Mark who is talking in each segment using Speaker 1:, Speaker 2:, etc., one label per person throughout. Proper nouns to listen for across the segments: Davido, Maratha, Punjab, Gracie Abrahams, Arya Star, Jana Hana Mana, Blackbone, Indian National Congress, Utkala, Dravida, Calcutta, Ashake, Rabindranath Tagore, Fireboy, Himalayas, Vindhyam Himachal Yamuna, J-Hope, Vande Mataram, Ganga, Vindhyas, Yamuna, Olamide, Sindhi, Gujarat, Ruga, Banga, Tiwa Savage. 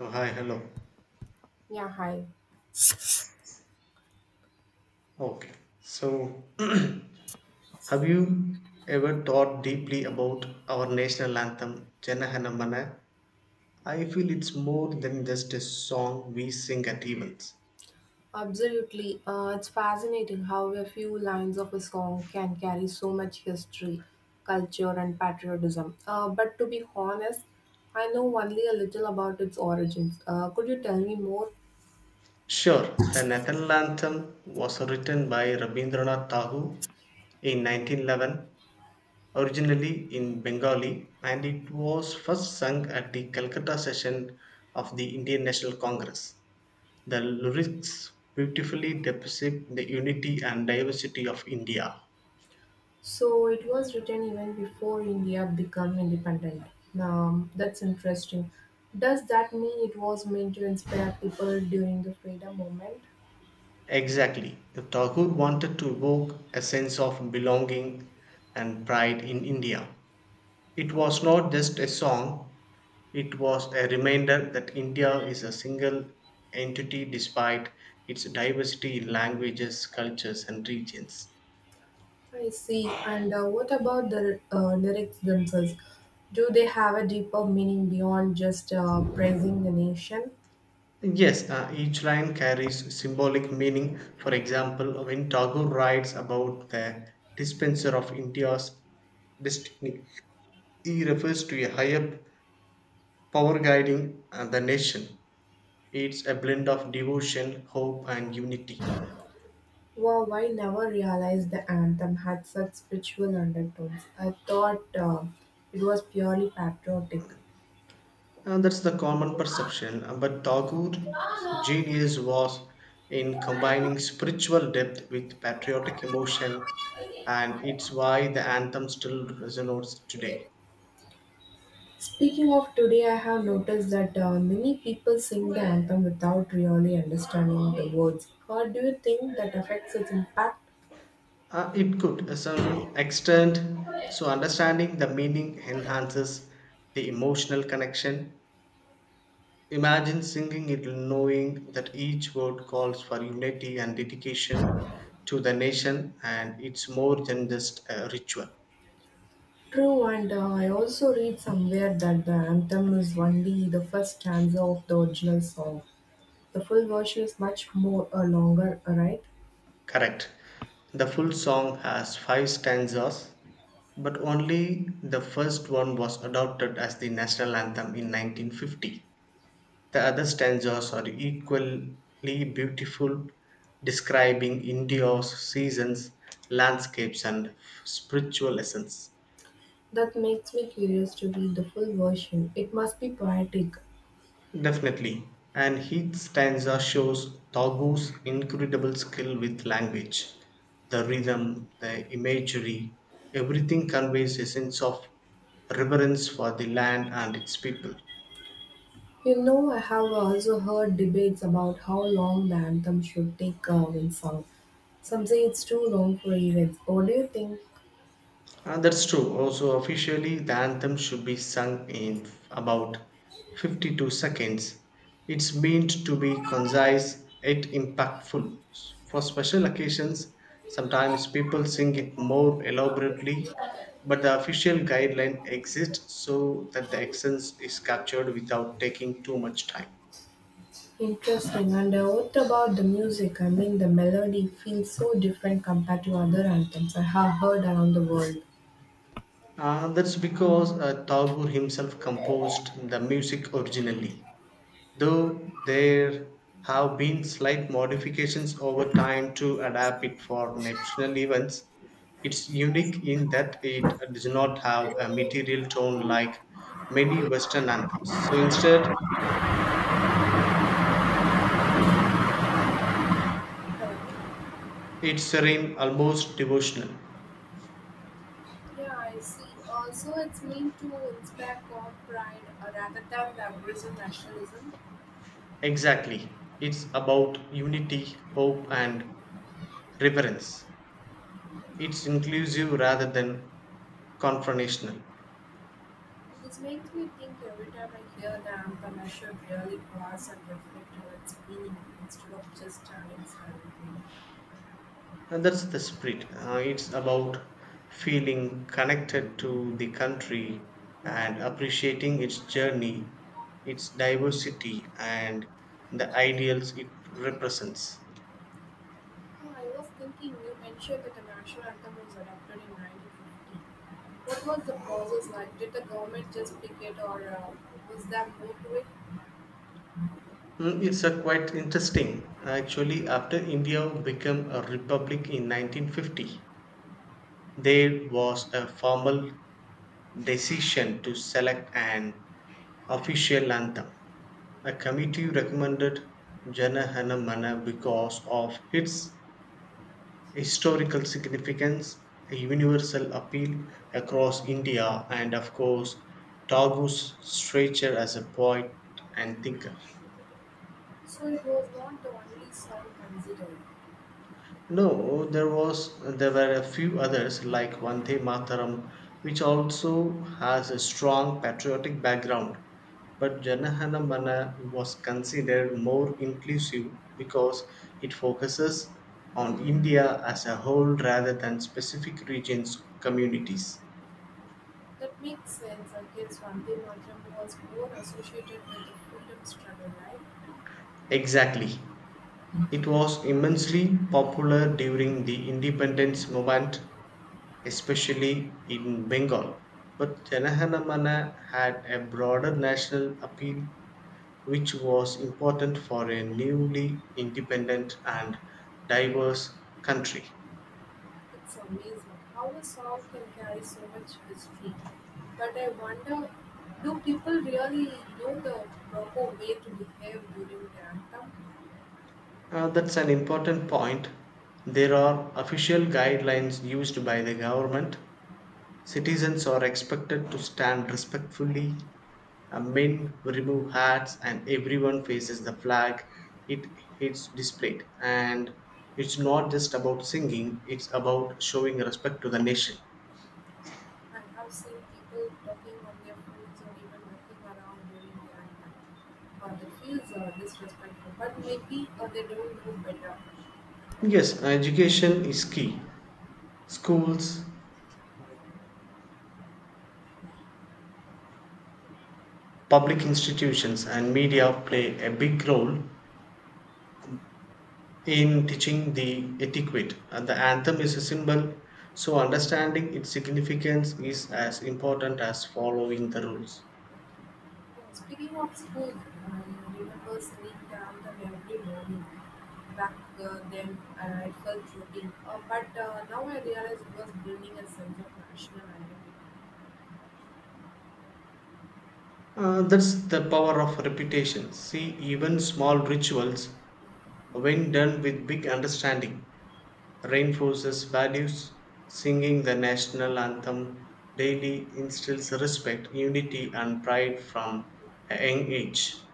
Speaker 1: Oh, hi, hello.
Speaker 2: Yeah, hi.
Speaker 1: Okay. So, have you ever thought deeply about our national anthem, Janaganamana? I feel it's more than just a song we sing at events.
Speaker 2: Absolutely. It's fascinating how a few lines of a song can carry so much history, culture, and patriotism. But to be honest, I know only a little about its origins. Could you tell me more?
Speaker 1: Sure, the national anthem was written by Rabindranath Tagore in 1911, originally in Bengali, and it was first sung at the Calcutta session of the Indian National Congress. The lyrics beautifully depict the unity and diversity of India.
Speaker 2: So, it was written even before India became independent. That's interesting. Does that mean it was meant to inspire people during the freedom movement?
Speaker 1: Exactly. The Tagore wanted to evoke a sense of belonging and pride in India. It was not just a song, it was a reminder that India is a single entity despite its diversity in languages, cultures, and regions.
Speaker 2: I see. And what about the lyrics themselves? Do they have a deeper meaning beyond just praising the nation?
Speaker 1: Yes, each line carries symbolic meaning. For example, when Tagore writes about the dispenser of India's destiny, he refers to a higher power guiding the nation. It's a blend of devotion, hope, and unity.
Speaker 2: Wow, I never realized the anthem had such spiritual undertones. I thought it was purely patriotic.
Speaker 1: And that's the common perception. But Tagore's genius was in combining spiritual depth with patriotic emotion, and it's why the anthem still resonates today.
Speaker 2: Speaking of today, I have noticed that many people sing the anthem without really understanding the words. How do you think that affects its impact?
Speaker 1: It could, to some extent. So, understanding the meaning enhances the emotional connection. Imagine singing it knowing that each word calls for unity and dedication to the nation, and it's more than just a ritual.
Speaker 2: True, and I also read somewhere that the anthem is only the first stanza of the original song. The full version is much more longer, right?
Speaker 1: Correct. The full song has five stanzas, but only the first one was adopted as the national anthem in 1950. The other stanzas are equally beautiful, describing India's seasons, landscapes, and spiritual lessons.
Speaker 2: That makes me curious to read the full version. It must be poetic.
Speaker 1: Definitely. And each stanza shows Tagu's incredible skill with language. The rhythm, the imagery, everything conveys a sense of reverence for the land and its people.
Speaker 2: You know, I have also heard debates about how long the anthem should take when sung. Some say it's too long for events. What do you think?
Speaker 1: That's true. Also, officially, the anthem should be sung in about 52 seconds. It's meant to be concise yet impactful. For special occasions, sometimes people sing it more elaborately, but the official guideline exists so that the essence is captured without taking too much time.
Speaker 2: Interesting. And what about the music? I mean, the melody feels so different compared to other anthems I have heard around the world.
Speaker 1: That's because Tagore himself composed the music originally, though there have been slight modifications over time to adapt it for national events. It's unique in that it does not have a material tone like many Western anthems. So instead, it's serene, almost devotional.
Speaker 2: Yeah, I see. Also, it's meant to inspire God pride rather than the aggressive nationalism.
Speaker 1: Exactly. It's about unity, hope, and reverence. It's inclusive rather than confrontational.
Speaker 2: This makes me think every time I hear the anthem, I should really pause and reflect on its meaning instead of just standing silently.
Speaker 1: And that's the spirit. It's about feeling connected to the country and appreciating its journey, its diversity, and the ideals it represents.
Speaker 2: Oh, I was thinking you mentioned that the national anthem was adopted in 1950. What was the process like? Did the government just pick it, or was there more to it?
Speaker 1: Mm. It's a quite interesting. Actually, after India became a republic in 1950, there was a formal decision to select an official anthem. A committee recommended Jana Hana Mana because of its historical significance, a universal appeal across India, and of course, Tagu's stature as a poet and thinker.
Speaker 2: So it was not the only song considered.
Speaker 1: No, there were a few others like Vande Mataram, which also has a strong patriotic background. But Janahana Mana was considered more inclusive because it focuses on India as a whole rather than specific regions or communities.
Speaker 2: That makes sense. I guess Vande Mataram was more associated with the freedom struggle, right?
Speaker 1: Exactly. It was immensely popular during the independence movement, especially in Bengal. But Janaganamana had a broader national appeal, which was important for a newly independent and diverse country.
Speaker 2: It's amazing how a song can carry so much history. But I wonder, do people really know the proper way to behave during the anthem?
Speaker 1: That's an important point. There are official guidelines used by the government. Citizens are expected to stand respectfully, men remove hats, and everyone faces the flag it is displayed. And it's not just about singing, it's about showing respect to the nation.
Speaker 2: I have seen people talking on their phones or even walking around during the night time. That feels disrespectful, but maybe they don't know better.
Speaker 1: Yes, education is key. Schools, public institutions, and media play a big role in teaching the etiquette. And the anthem is a symbol, so understanding its significance is as important as following the rules.
Speaker 2: Speaking of school, I remember sitting down the every morning. Back then, I felt routine, but now I realize it was building a sense of national identity.
Speaker 1: That's the power of repetition. See, even small rituals, when done with big understanding, reinforces values. Singing the national anthem daily instills respect, unity, and pride from a young age.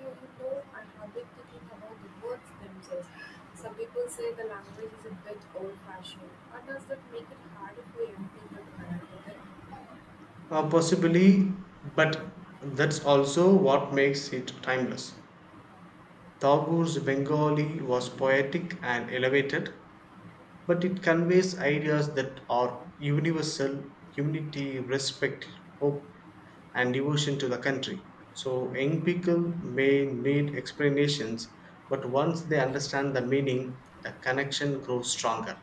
Speaker 2: You know, I have been thinking about the words themselves. Some people say the language is a bit old fashioned. What does that make it harder for young people to connect with it?
Speaker 1: Possibly, but that's also what makes it timeless. Tagore's Bengali was poetic and elevated, but it conveys ideas that are universal unity, respect, hope, and devotion to the country. So, young people may need explanations, but once they understand the meaning, the connection grows stronger.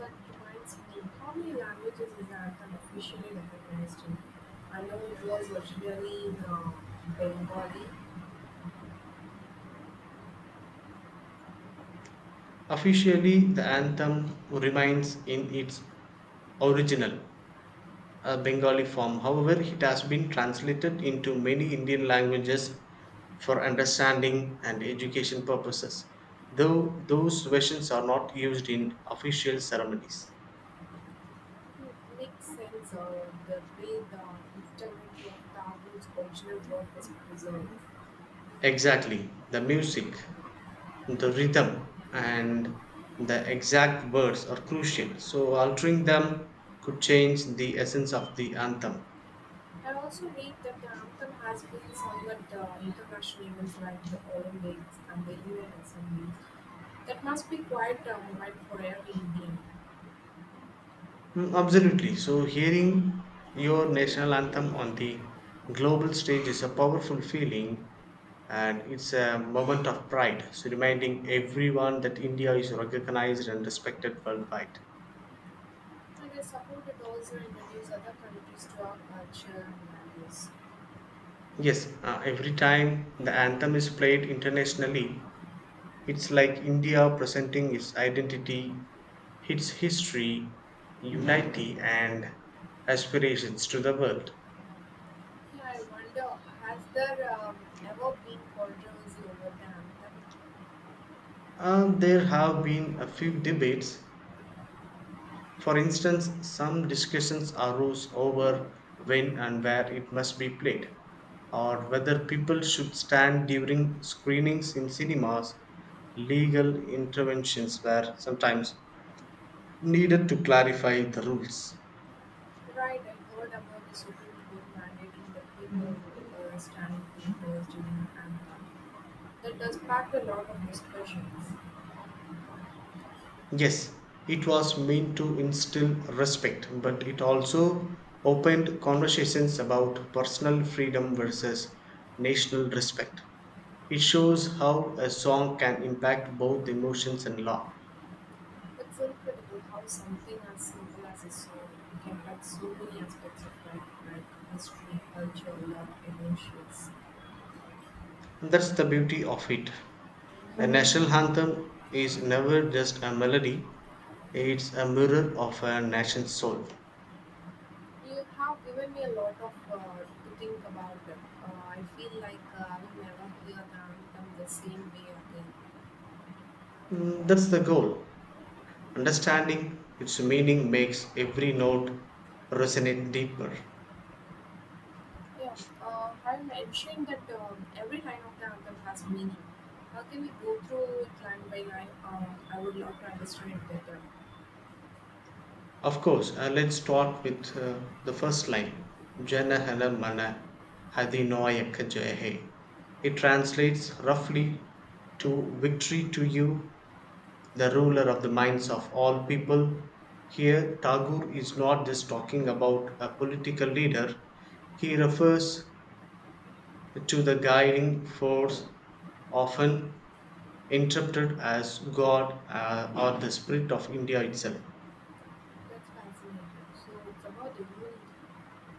Speaker 2: That reminds me, how many languages is that officially recognized in? I know it was originally in Bengali.
Speaker 1: Officially, the anthem remains in its original a Bengali form. However, it has been translated into many Indian languages for understanding and education purposes, though those versions are not used in official ceremonies.
Speaker 2: It makes sense the way the integrity of Tabu's original work was preserved.
Speaker 1: Exactly, the music, the rhythm, and the exact words are crucial, so altering them could change the essence of the anthem.
Speaker 2: I also read that the anthem has been sung at international events like the Olympics and the UN Assembly. That must be quite a moment for every Indian.
Speaker 1: Mm. Absolutely. So, hearing your national anthem on the global stage is a powerful feeling, and it's a moment of pride. So, reminding everyone that India is recognized and respected worldwide.
Speaker 2: And I suppose it also introduce other countries to our culture and values.
Speaker 1: Yes, every time the anthem is played internationally, it's like India presenting its identity, its history, unity, and aspirations to the world.
Speaker 2: Yeah, I wonder, has there ever been controversy over the anthem?
Speaker 1: There have been a few debates. For instance, some discussions arose over when and where it must be played, or whether people should stand during screenings in cinemas. Legal interventions were sometimes needed to clarify the rules.
Speaker 2: Right, I heard about the Supreme Court mandating that people stand in theaters during the anthem. That does pack a lot of discussions.
Speaker 1: Yes, it was meant to instill respect, but it also opened conversations about personal freedom versus national respect. It shows how a song can impact both emotions and law.
Speaker 2: It's incredible how something as simple as a song can touch so many aspects of life, like history, culture, love, emotions.
Speaker 1: And that's the beauty of it. A national anthem is never just a melody, it's a mirror of a nation's soul.
Speaker 2: You have given me a lot of to think about. I feel like I will never hear the anthem the same way again.
Speaker 1: Mm. That's the goal. Understanding its meaning makes every note resonate deeper.
Speaker 2: Yeah, I mentioned that every line of the anthem has meaning. How can we go through it line by line? I would love to understand it better.
Speaker 1: Of course, let's start with the first line, "Jana Janahana Mana Hadinayaka Jayahe." It translates roughly to "Victory to you, the ruler of the minds of all people." Here, Tagore is not just talking about a political leader, he refers to the guiding force, often interpreted as God or the spirit of India itself.
Speaker 2: That's fascinating. So it's about the unity,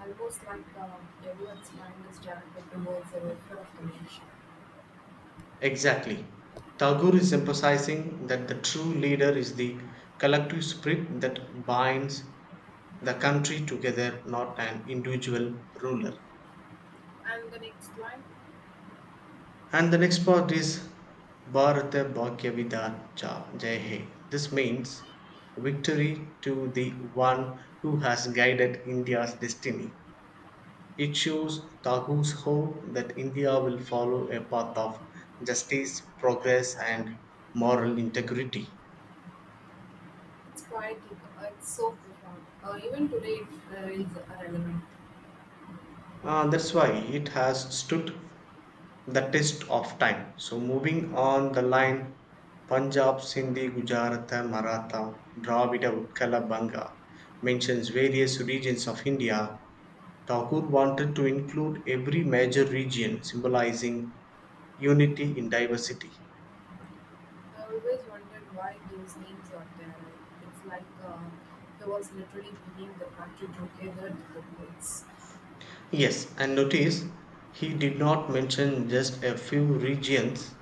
Speaker 2: almost like everyone's mind is directed towards the welfare of the nation.
Speaker 1: Exactly. Tagore is emphasizing that the true leader is the collective spirit that binds the country together, not an individual ruler.
Speaker 2: And the next line,
Speaker 1: And the next part is Bharata Bhagya Vidarcha Jai He. This means victory to the one who has guided India's destiny. It shows Tagore's hope that India will follow a path of justice, progress, and moral integrity.
Speaker 2: it's quite, it's so profound. Even today, it is relevant.
Speaker 1: That's why it has stood the test of time. So, moving on, the line Punjab, Sindhi, Gujarat, Maratha, Dravida, Utkala, Banga mentions various regions of India. Thakur wanted to include every major region, symbolizing unity in diversity.
Speaker 2: I always wondered why those names are there. It's like there was literally bringing the country together to the goods.
Speaker 1: Yes, and notice he did not mention just a few regions.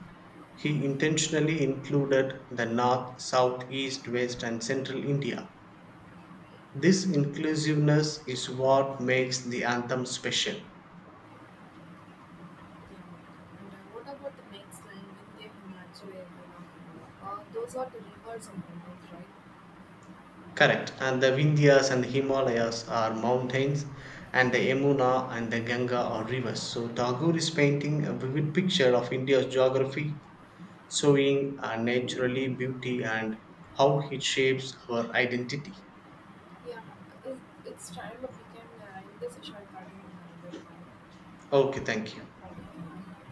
Speaker 1: He intentionally included the north, south, east, west, and central India. This inclusiveness is what makes the anthem special.
Speaker 2: Yeah. And what about the next line, Vindhyam Himachal Yamuna? Those are the rivers and mountains, right?
Speaker 1: Correct. And the Vindhyas and the Himalayas are mountains, and the Yamuna and the Ganga are rivers. So Tagore is painting a vivid picture of India's geography, showing naturally beauty and how it shapes our identity.
Speaker 2: Yeah, it- it's time that we can end this session. Uh, like, uh,
Speaker 1: Okay, thank you.
Speaker 2: pardon.